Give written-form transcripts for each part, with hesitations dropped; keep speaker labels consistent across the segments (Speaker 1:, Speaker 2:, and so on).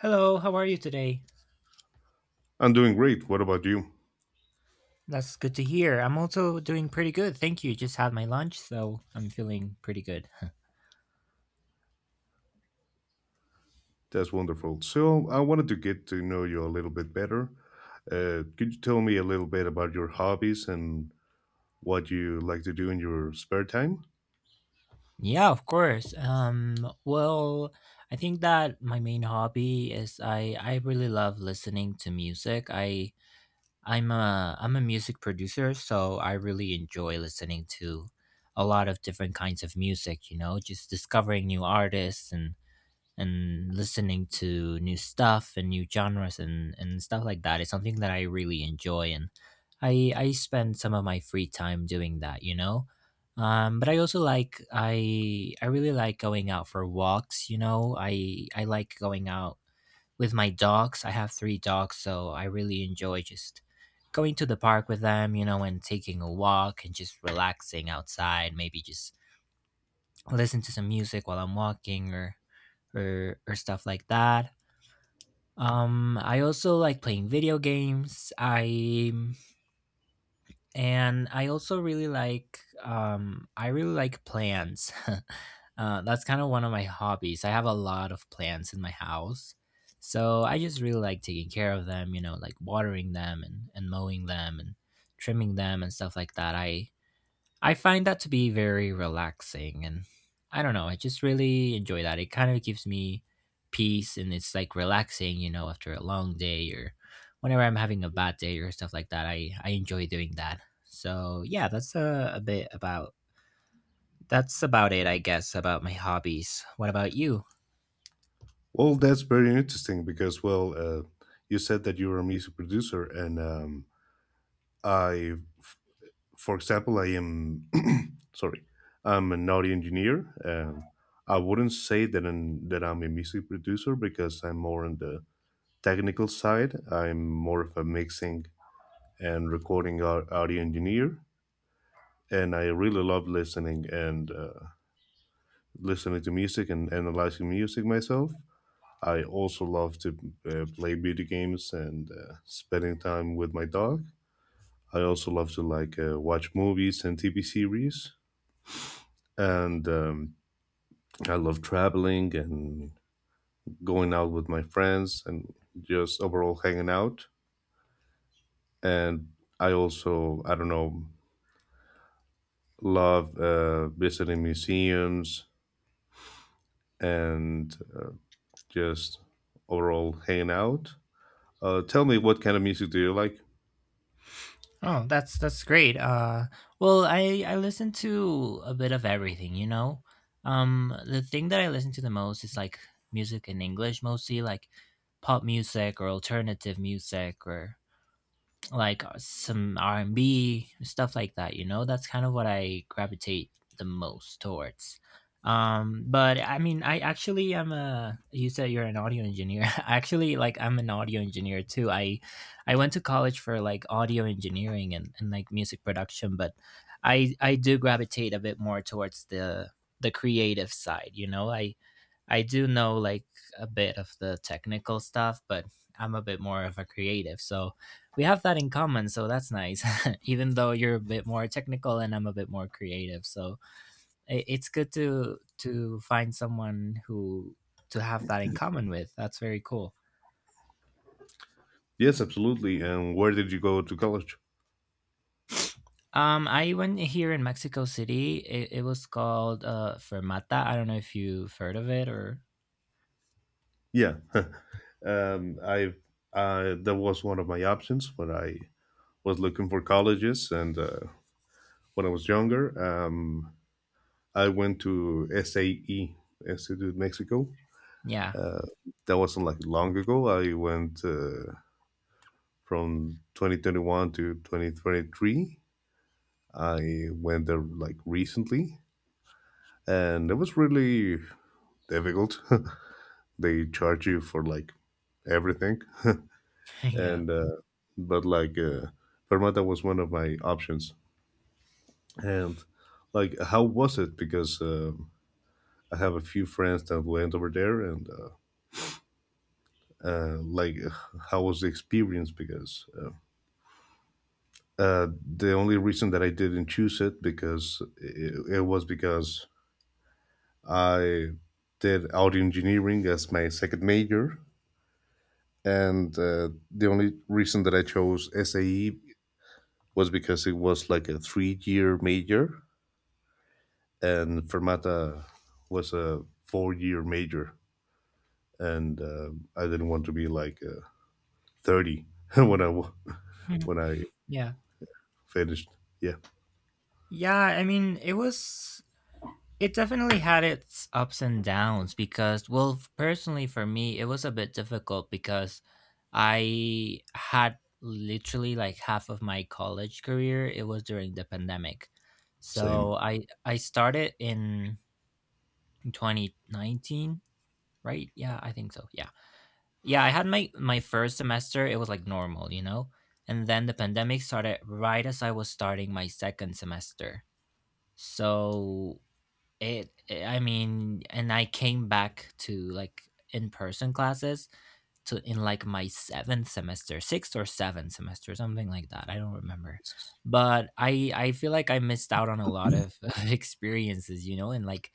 Speaker 1: Hello, how are you today?
Speaker 2: I'm doing great. What about you?
Speaker 1: That's good to hear. I'm also doing pretty good. Thank you. Just had my lunch, so I'm feeling pretty good.
Speaker 2: That's wonderful. So, I wanted to get to know you a little bit better. Could you tell me a little bit about your hobbies and what you like to do in your spare time?
Speaker 1: Yeah, of course. Well, I think that my main hobby is I really love listening to music. I'm a music producer, so I really enjoy listening to a lot of different kinds of music, you know, just discovering new artists and listening to new stuff and new genres and stuff like that is something that I really enjoy and I spend some of my free time doing that. But I also like I really like going out for walks, you know. I like going out with my dogs. I have three dogs, so I really enjoy just going to the park with them, you know, and taking a walk and just relaxing outside, maybe just listen to some music while I'm walking or or stuff like that. I also like playing video games. I and I also really like I really like plants. That's kind of one of my hobbies. I have a lot of plants in my house, so I just really like taking care of them. You know, like watering them and mowing them and trimming them and stuff like that. I find that to be very relaxing and I don't know, I just really enjoy that. It kind of gives me peace and it's like relaxing, you know, after a long day or whenever I'm having a bad day or stuff like that. I enjoy doing that. So, yeah, that's a bit about that's about it, I guess, about my hobbies. What about you?
Speaker 2: Well, that's very interesting because, you said that you are a music producer, and I, f- for example, I am, sorry, I'm an audio engineer. I wouldn't say that I'm a music producer because I'm more on the technical side. I'm more of a mixing and recording audio engineer. And I really love listening and listening to music and analyzing music myself. I also love to play video games and spending time with my dog. I also love to like watch movies and TV series. And I love traveling and going out with my friends and just overall hanging out. And I also, I don't know, love visiting museums and just overall hanging out. Tell me, what kind of music do you like?
Speaker 1: Oh, that's great. Well, I listen to a bit of everything, you know. The thing that I listen to the most is like music in English, mostly like pop music or alternative music or like some R&B stuff like that, you know? That's kind of what I gravitate the most towards. But I mean I actually am a you said you're an audio engineer. Actually like I'm an audio engineer too. I went to college for like audio engineering and like music production, but I do gravitate a bit more towards the creative side, you know? I do know like a bit of the technical stuff, but I'm a bit more of a creative. So we have that in common, so that's nice. Even though you're a bit more technical and I'm a bit more creative, so it's good to find someone who to have that in common with. That's very cool.
Speaker 2: Yes, absolutely. And where did you go to college?
Speaker 1: I went here in Mexico City. It was called Fermata. I don't know if you've heard of it or
Speaker 2: Yeah, I that was one of my options when I was looking for colleges, and when I was younger, I went to SAE Institute Mexico.
Speaker 1: yeah.
Speaker 2: Uh, that wasn't like long ago. I went from 2021 to 2023. I went there like recently, and it was really difficult. They charge you for like everything,
Speaker 1: Yeah.
Speaker 2: and but like Fermata was one of my options. And like, how was it? Because I have a few friends that went over there, and like, how was the experience? Because uh, the only reason that I didn't choose it was because I did audio engineering as my second major and the only reason that I chose SAE was because it was like a three-year major, and Fermata was a four-year major, and I didn't want to be like 30 when I wa- when I
Speaker 1: Yeah.
Speaker 2: finished. Yeah,
Speaker 1: Yeah, I mean, it was. It definitely had its ups and downs because, well, personally for me, it was a bit difficult because I had literally like half of my college career. It was during the pandemic.
Speaker 2: same.
Speaker 1: So I started in 2019, right? Yeah, I think so. Yeah. Yeah, I had my first semester, it was like normal, you know? And then the pandemic started right as I was starting my second semester. So it eh, I mean, and I came back to like in-person classes to in like my 7th semester, 6th or 7th semester, something like that. I don't remember.
Speaker 2: Jesus.
Speaker 1: But I feel like I missed out on a lot of experiences, you know, and like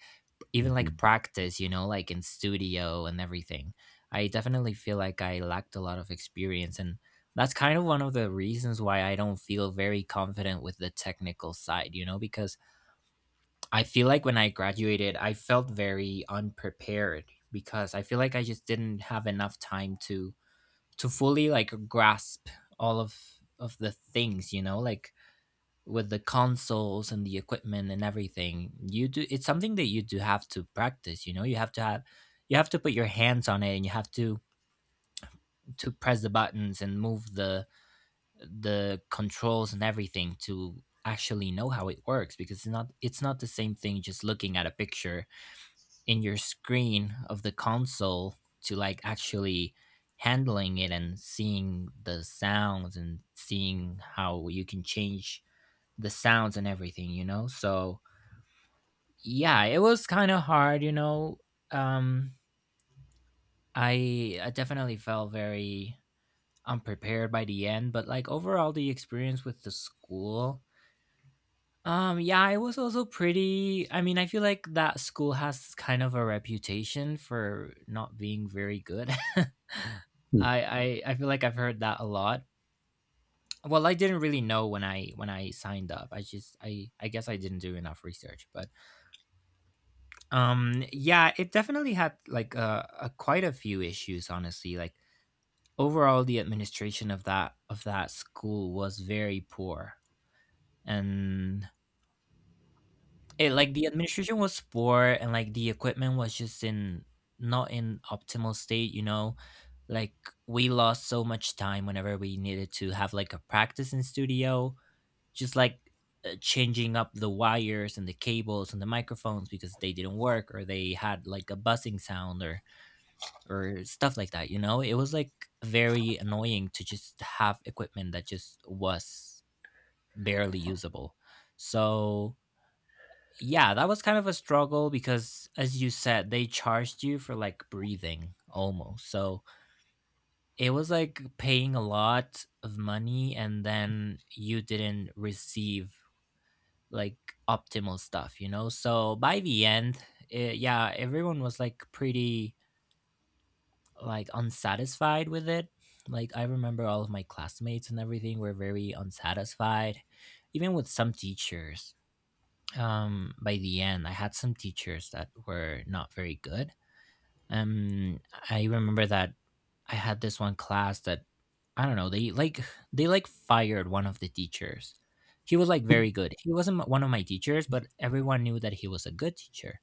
Speaker 1: even
Speaker 2: Mhm.
Speaker 1: like practice, you know, like in studio and everything. I definitely feel like I lacked a lot of experience and that's kind of one of the reasons why I don't feel very confident with the technical side, you know, because I feel like when I graduated, I felt very unprepared because I feel like I just didn't have enough time to fully like grasp all of the things, you know, like with the consoles and the equipment and everything. You do It's something that you do have to practice, you know. You have to put your hands on it and you have to press the buttons and move the controls and everything to actually know how it works because it's not the same thing just looking at a picture in your screen of the console to like actually handling it and seeing the sounds and seeing how you can change the sounds and everything, you know. So yeah, it was kind of hard, you know. um I definitely felt very unprepared by the end, but like overall the experience with the school. Yeah, it was also pretty. I mean, I feel like that school has kind of a reputation for not being very good. I,
Speaker 2: Mm.
Speaker 1: I feel like I've heard that a lot. Well, I didn't really know when I signed up. I guess I didn't do enough research, but yeah, it definitely had like a quite a few issues honestly. Like overall the administration of that school was very poor. And it like the administration was poor and like the equipment was just in not in optimal state, you know, like we lost so much time whenever we needed to have like a practice in studio, just like changing up the wires and the cables and the microphones because they didn't work or they had like a buzzing sound or stuff like that, you know. It was like very annoying to just have equipment that just was barely usable. So yeah, that was kind of a struggle because, as you said, they charged you for like breathing almost. So it was like paying a lot of money and then you didn't receive like optimal stuff, you know? So by the end, yeah, everyone was like pretty like unsatisfied with it. Like I remember all of my classmates and everything were very unsatisfied, even with some teachers. By the end I had some teachers that were not very good. um I remember that I had this one class that I don't know, they like fired one of the teachers. He was like very good. He wasn't m- one of my teachers, but everyone knew that he was a good teacher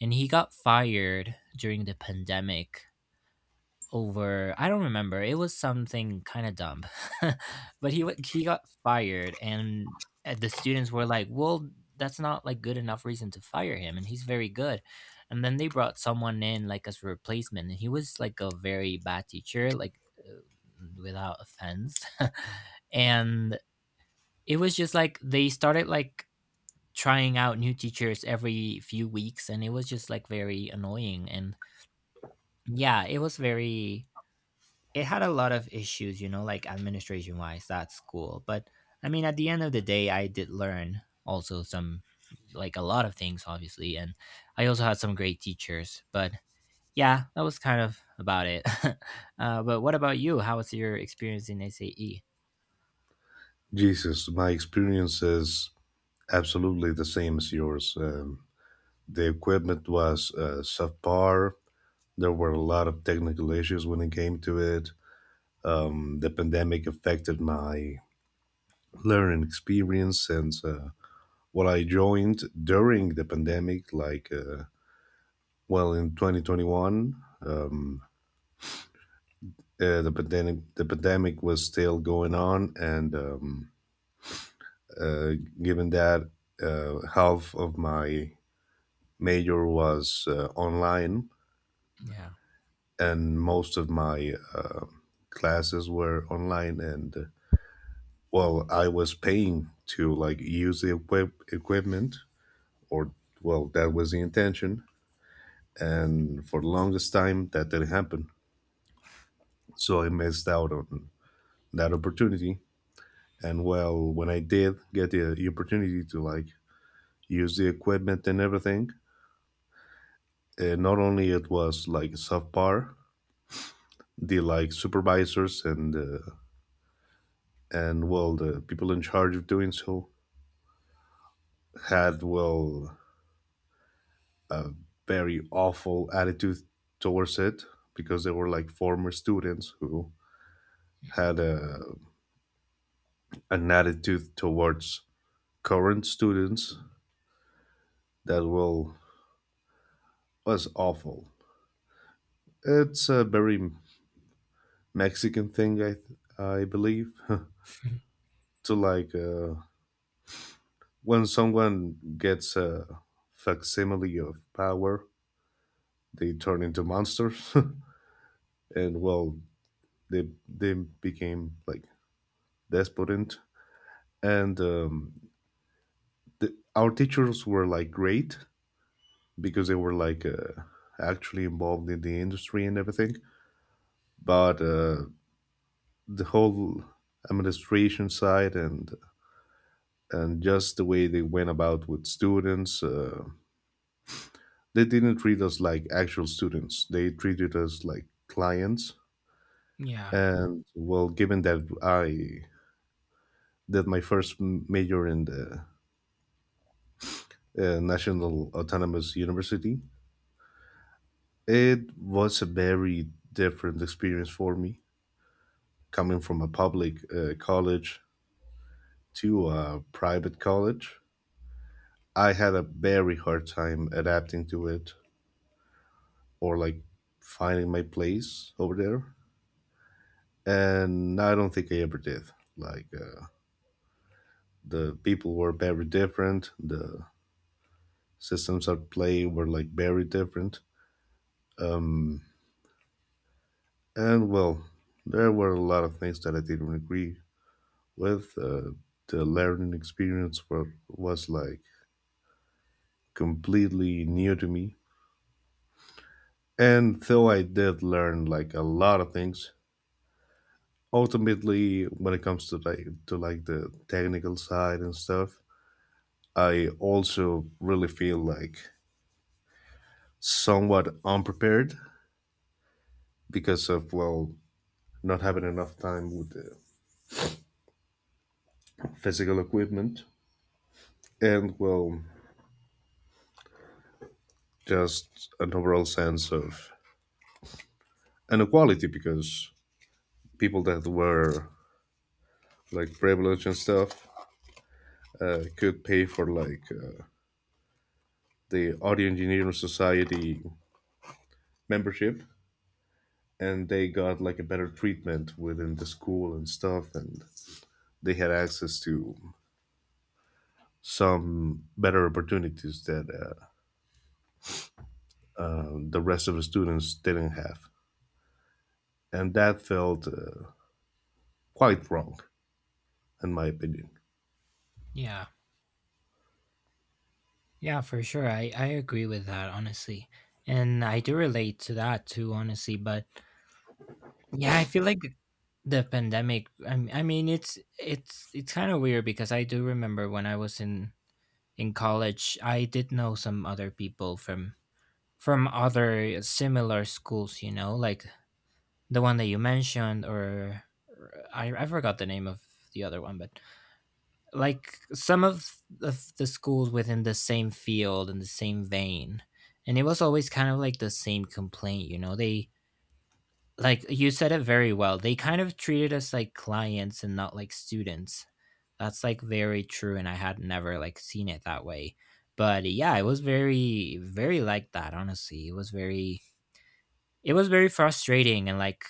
Speaker 1: and he got fired during the pandemic over I don't remember. It was something kind of dumb. but he wa He got fired and the students were like, "Well, that's not like good enough reason to fire him and he's very good." And then they brought someone in like as a replacement and he was like a very bad teacher, like without offense. And it was just like they started like trying out new teachers every few weeks and it was just like very annoying. And yeah, it was very it had a lot of issues, you know, like administration wise, that's cool. But I mean, at the end of the day, I did learn also like a lot of things, obviously. And I also had some great teachers. But yeah, that was kind of about it. But what about you? How was your experience in SAE?
Speaker 2: Jesus, my experience is absolutely the same as yours. The equipment was subpar. There were a lot of technical issues when it came to it. The pandemic affected my learning experience and what I joined during the pandemic, well, in 2021, um, pandemic, the pandemic was still going on. And uh, given that half of my major was online
Speaker 1: Yeah.
Speaker 2: and most of my classes were online and well I was paying to like use the equipment or well, that was the intention. And for the longest time, that didn't happen. So I missed out on that opportunity. And well, when I did get the opportunity to like use the equipment and everything, not only it was like subpar, the like supervisors and and well, the people in charge of doing so had well very awful attitude towards it because they were like former students who
Speaker 1: Mhm.
Speaker 2: had a an attitude towards current students that will was awful. It's a very Mexican thing, I believe, to like when someone gets a facsimile of power, they turn into monsters, and well, they became like despotent, and our teachers were like great because they were like actually involved in the industry and everything, but the whole administration side and just the way they went about with students. They didn't treat us like actual students. They treated us like clients.
Speaker 1: Yeah.
Speaker 2: And well, given that I did my first major in the National Autonomous University, it was a very different experience for me coming from a public college to a private college. I had a very hard time adapting to it. Or like finding my place over there. And I don't think I ever did. Like the people were very different. The systems at play were like very different. And well, there were a lot of things that I didn't agree with. The learning experience was like completely new to me. And though I did learn like a lot of things, ultimately when it comes to like the technical side and stuff, I also really feel like somewhat unprepared because of well not having enough time with the physical equipment and well just an overall sense of inequality because people that were like privileged and stuff could pay for like the audio engineering society membership and they got like a better treatment within the school and stuff and they had access to some better opportunities that the rest of the students didn't have. And that felt quite wrong, in my opinion.
Speaker 1: Yeah. Yeah, for sure. I agree with that, honestly. And I do relate to that too, honestly. But yeah, I feel like the pandemic, I mean, it's kind of weird because I do remember when I was in college, I did know some other people from other similar schools, you know, like the one that you mentioned, or or I forgot the name of the other one, but like some of the schools within the same field and the same vein, and it was always kind of like the same complaint, you know, they like you said it very well. They kind of treated us like clients and not like students. That's like very true, and I had never like seen it that way. But yeah, it was very, very like that. Honestly, it was very frustrating and like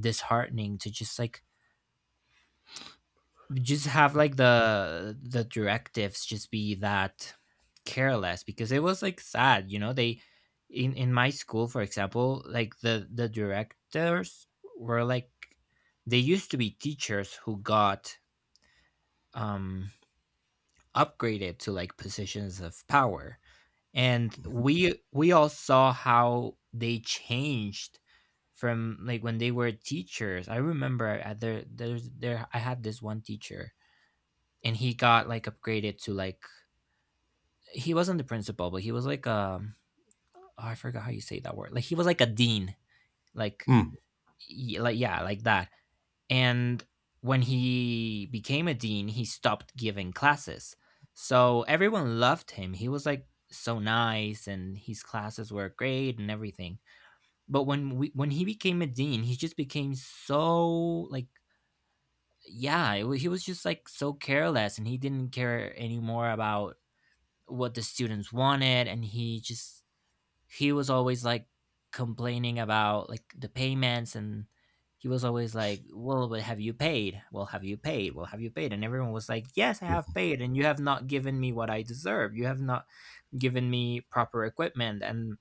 Speaker 1: disheartening to just like just have like the directives just be that careless because it was like sad. They in my school, for example, like the directors were like they used to be teachers who got um upgraded to like positions of power, and we all saw how they changed from like when they were teachers. I remember at there there's there I had this one teacher, and he got like upgraded to like he wasn't the principal, but he was like oh, I forgot how you say that word, like he was like a dean, like
Speaker 2: Mm.
Speaker 1: like yeah, like that. And when he became a dean, he stopped giving classes, so everyone loved him. He was like so nice and his classes were great and everything. But when he became a dean, he just became so like yeah, he was just like so careless, and he didn't care anymore about what the students wanted, and he was always like complaining about like the payments and. He was always like, "Well, but have you paid? Well, have you paid? Well, have you paid?" And everyone was like, "Yes, I have paid, and you have not given me what I deserve. You have not given me proper equipment, and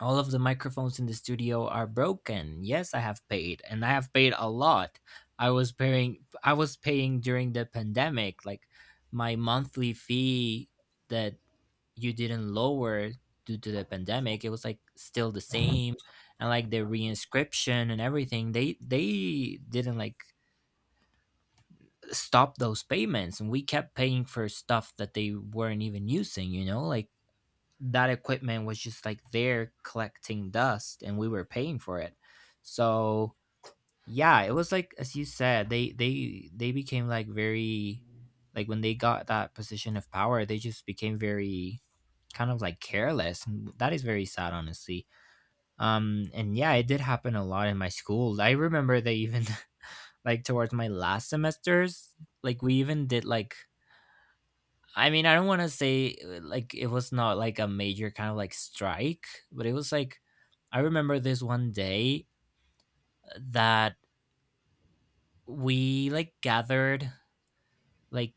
Speaker 1: all of the microphones in the studio are broken. Yes, I have paid, and I have paid a lot. I was paying during the pandemic, like my monthly fee that you didn't lower due to the pandemic. It was like still the same. And like the reinscription and everything, they didn't like stop those payments, and we kept paying for stuff that they weren't even using, you know? Like that equipment was just like there collecting dust, and we were paying for it." So yeah, it was like as you said, they became like very, like when they got that position of power, they just became very kind of like careless, and that is very sad, honestly. Um, and yeah, it did happen a lot in my school. I remember they even like towards my last semesters, like we even did like, I mean, I don't want to say like it was not like a major kind of like strike, but it was like I remember this one day that we like gathered, like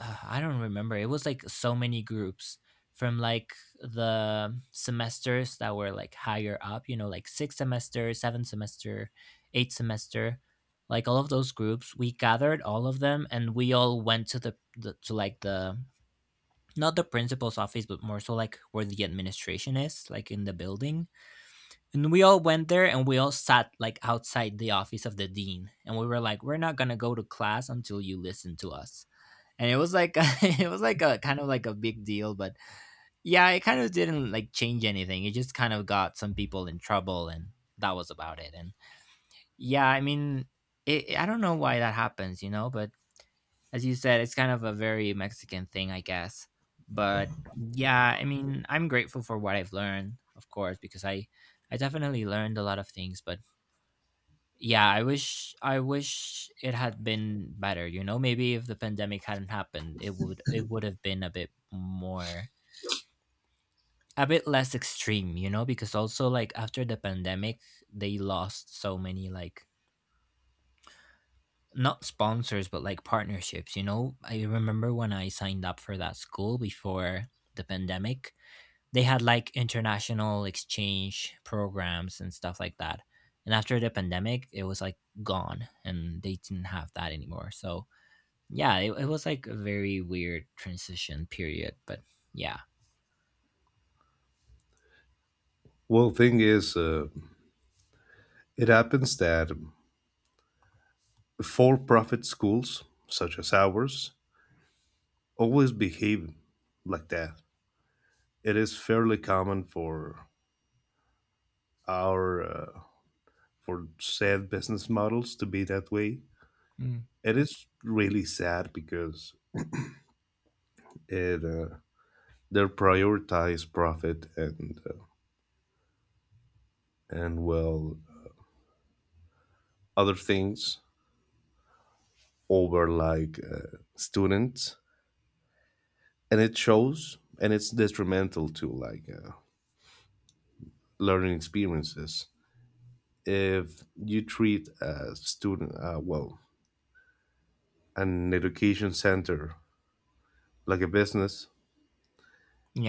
Speaker 1: I don't remember. It was like so many groups from like the semesters that were like higher up, you know, like six semester, seven semester, eight semester, like all of those groups. We gathered all of them and we all went to like the, not the principal's office, but more so like where the administration is, like in the building. And we all went there and we all sat like outside the office of the dean. And we were like, we're not gonna go to class until you listen to us. And it was like it was like a kind of like a big deal, but yeah, it kind of didn't like change anything. It just kind of got some people in trouble, and that was about it. And yeah, I mean, I don't know why that happens, you know, but as you said, it's kind of a very Mexican thing, I guess. But yeah, I mean, I'm grateful for what I've learned, of course, because I definitely learned a lot of things, but yeah, I wish it had been better, you know? Maybe if the pandemic hadn't happened, it would have been a bit more, a bit less extreme, you know, because also like after the pandemic, they lost so many like not sponsors but like partnerships, you know. I remember when I signed up for that school before the pandemic, they had like international exchange programs and stuff like that. And after the pandemic, it was like gone, and they didn't have that anymore. So yeah, it was like a very weird transition period. But yeah.
Speaker 2: Well, thing is, it happens that for profit schools, such as ours, always behave like that. It is fairly common for our for said business models to be that way.
Speaker 1: Mm.
Speaker 2: It is really sad because it they prioritize profit and and well other things over like students and it shows and it's detrimental to like learning experiences if you treat a student well an education center like a business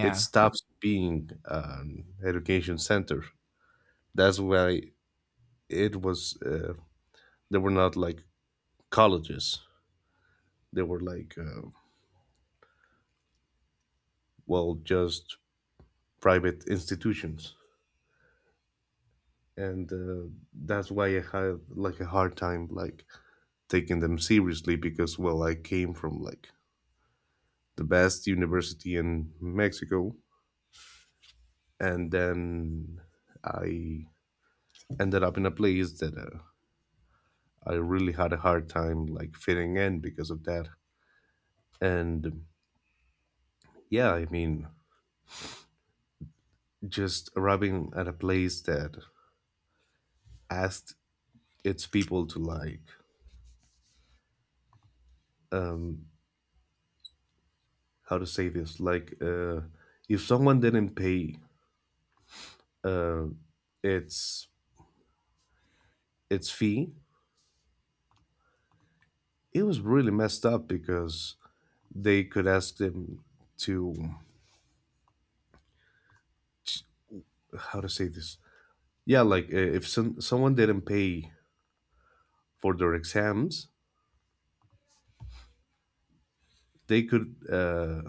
Speaker 2: it stops being an education center. That's why it was they were not like colleges, they were like well just private institutions, and that's why I had like a hard time like taking them seriously because well I came from like the best university in Mexico and then I ended up in a place that I really had a hard time like fitting in because of that. And yeah, I mean, just arriving at a place that asked its people to like um how to say this, if someone didn't pay uh, its its fee. It was really messed up because they could ask them to how to say this. Yeah, like if someone didn't pay for their exams, they could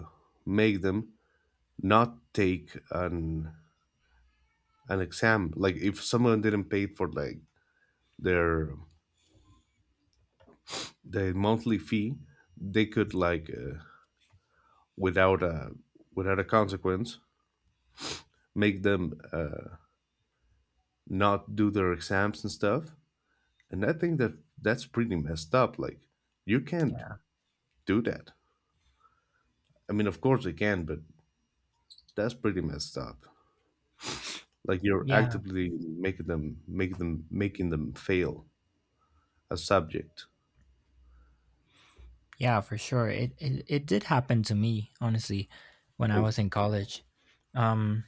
Speaker 2: make them not take an exam. Like if someone didn't pay for like their their monthly fee, they could like without a without a consequence make them not do their exams and stuff. And I think that that's pretty messed up. Like, you can't
Speaker 1: yeah,
Speaker 2: do that. I mean, of course they can, but that's pretty messed up. Like you're
Speaker 1: yeah,
Speaker 2: actively making them, making them fail a subject.
Speaker 1: yeah, for sure, it did happen to me, honestly, when I
Speaker 2: Oh,
Speaker 1: was in college. Um,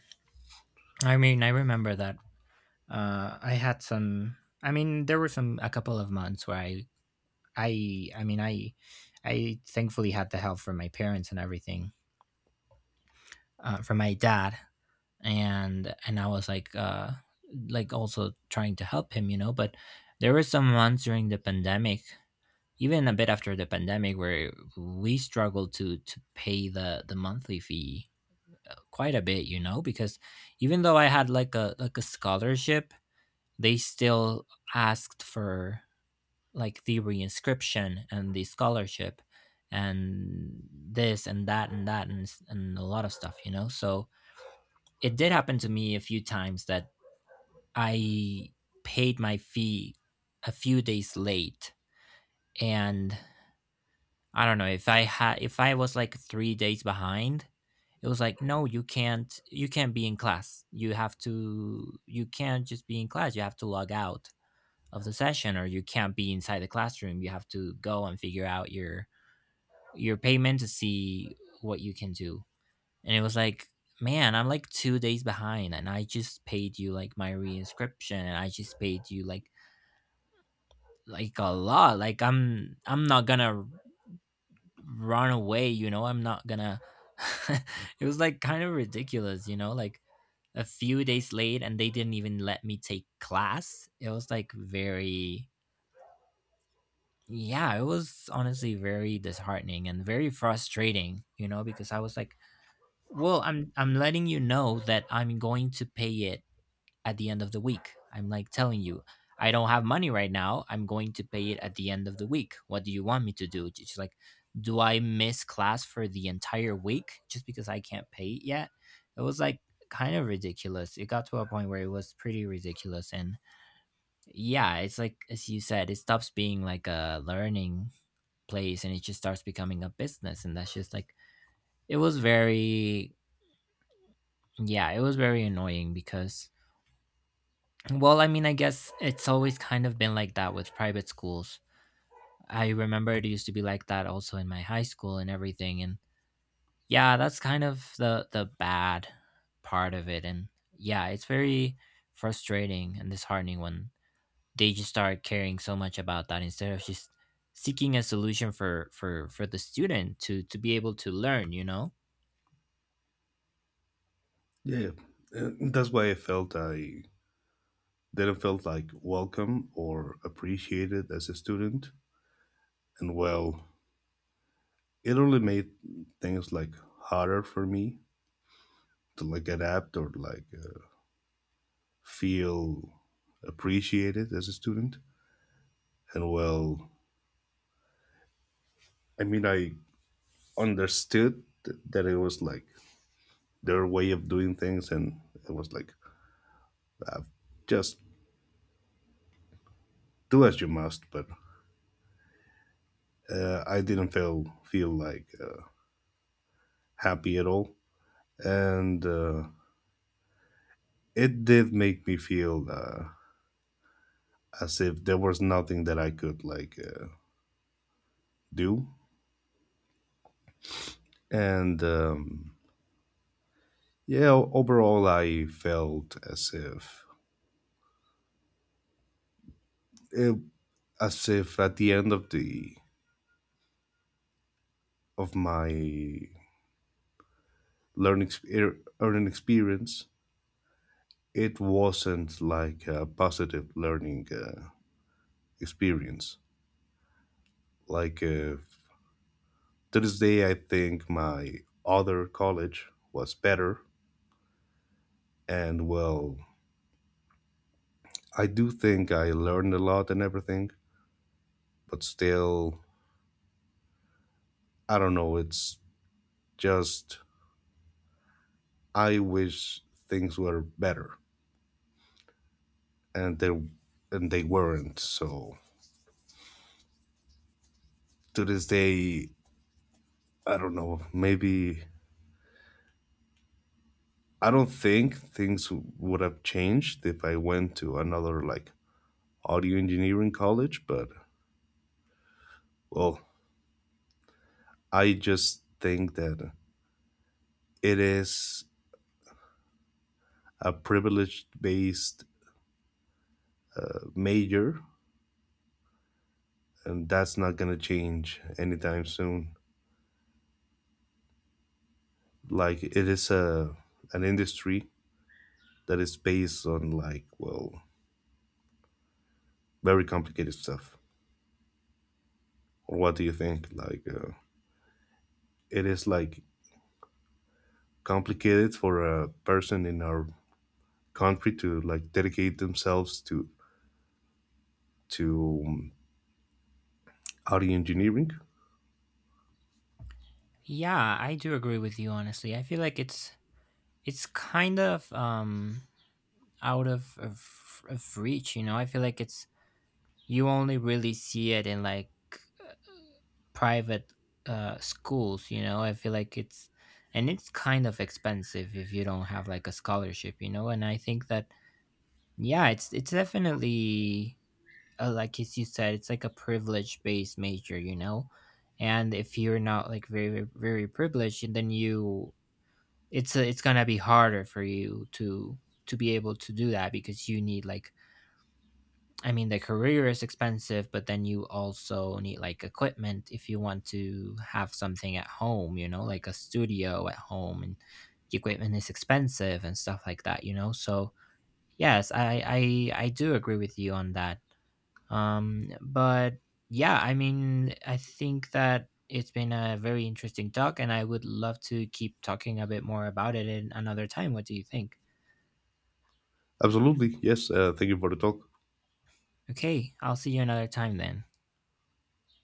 Speaker 1: I mean, I remember that uh i had some I mean, there were some, a couple of months where I mean, I thankfully had the help from my parents and everything, from my dad. And I was like also trying to help him, you know. But there were some months during the pandemic, even a bit after the pandemic, where we struggled to pay the monthly fee quite a bit, you know, because even though I had like a scholarship, they still asked for like the reinscription and the scholarship, and this and that, and that, and a lot of stuff, you know. So it did happen to me a few times that I paid my fee a few days late. And I don't know if I had if I was like 3 days behind. It was like, no, you can't be in class, you have to, you can't just, be in class, you have to log out of the session, or you can't be inside the classroom, you have to go and figure out your payment to see what you can do. And it was like, man, I'm like 2 days behind, and I just paid you like my reinscription, and I just paid you like a lot. Like I'm not gonna run away, you know, I'm not gonna— it was like kind of ridiculous, you know, like a few days late and they didn't even let me take class. It was like very— yeah, it was honestly very disheartening and very frustrating, you know, because I was like, well, I'm letting you know that I'm going to pay it at the end of the week. I'm like telling you, I don't have money right now. I'm going to pay it at the end of the week. What do you want me to do? She's like, do I miss class for the entire week just because I can't pay it yet? It was like kind of ridiculous. It got to a point where it was pretty ridiculous. And yeah, it's like as you said, it stops being like a learning place and it just starts becoming a business, and that's just like it was very— yeah, it was very annoying because, well, I mean, I guess it's always kind of been like that with private schools. I remember it used to be like that also in my high school and everything. And yeah, that's kind of the bad part of it. And yeah, it's very frustrating and disheartening when they just start caring so much about that instead of just seeking a solution for the student to be able to learn. You know?
Speaker 2: yeah. That's why I felt I didn't felt like welcome or appreciated as a student. And well, it only made things like harder for me to like adapt or like feel appreciated as a student. And well, I mean, I understood that it was like their way of doing things, and it was like uh, just do as you must. But I didn't feel like happy at all, and it did make me feel as if there was nothing that I could like do. And yeah, overall, I felt as if it, as if at the end of the of my learning exper- earning experience, it wasn't like a positive learning experience. Like to this day, I think my other college was better, and well, I do think I learned a lot and everything, but still, I don't know. It's just I wish things were better, and they and they weren't. So to this day, I don't know. Maybe I don't think things would have changed if I went to another like audio engineering college, but well, I just think that it is a privilege based major and that's not going to change anytime soon. Like it is a an industry that is based on like well, very complicated stuff. Or what do you think? Like it is like complicated for a person in our country to like dedicate themselves to to um, audio engineering.
Speaker 1: Yeah, I do agree with you. Honestly, I feel like it's kind of out of reach, you know. I feel like it's, you only really see it in like uh, private schools, you know. I feel like it's, and it's kind of expensive if you don't have like a scholarship, you know. And I think that yeah, it's definitely like as you said, it's like a privilege based major, you know. And if you're not like very, very, very privileged, then you, it's gonna be harder for you to be able to do that because you need like, I mean, the career is expensive, but then you also need like equipment if you want to have something at home, you know, like a studio at home, and the equipment is expensive and stuff like that, you know. So yes, I do agree with you on that. But yeah, I mean, I think that it's been a very interesting talk, and I would love to keep talking a bit more about it in another time. What do you think?
Speaker 2: Absolutely, yes. Thank you for the talk.
Speaker 1: Okay, I'll see you another time, then.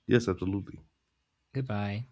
Speaker 2: Yes, absolutely.
Speaker 1: Goodbye.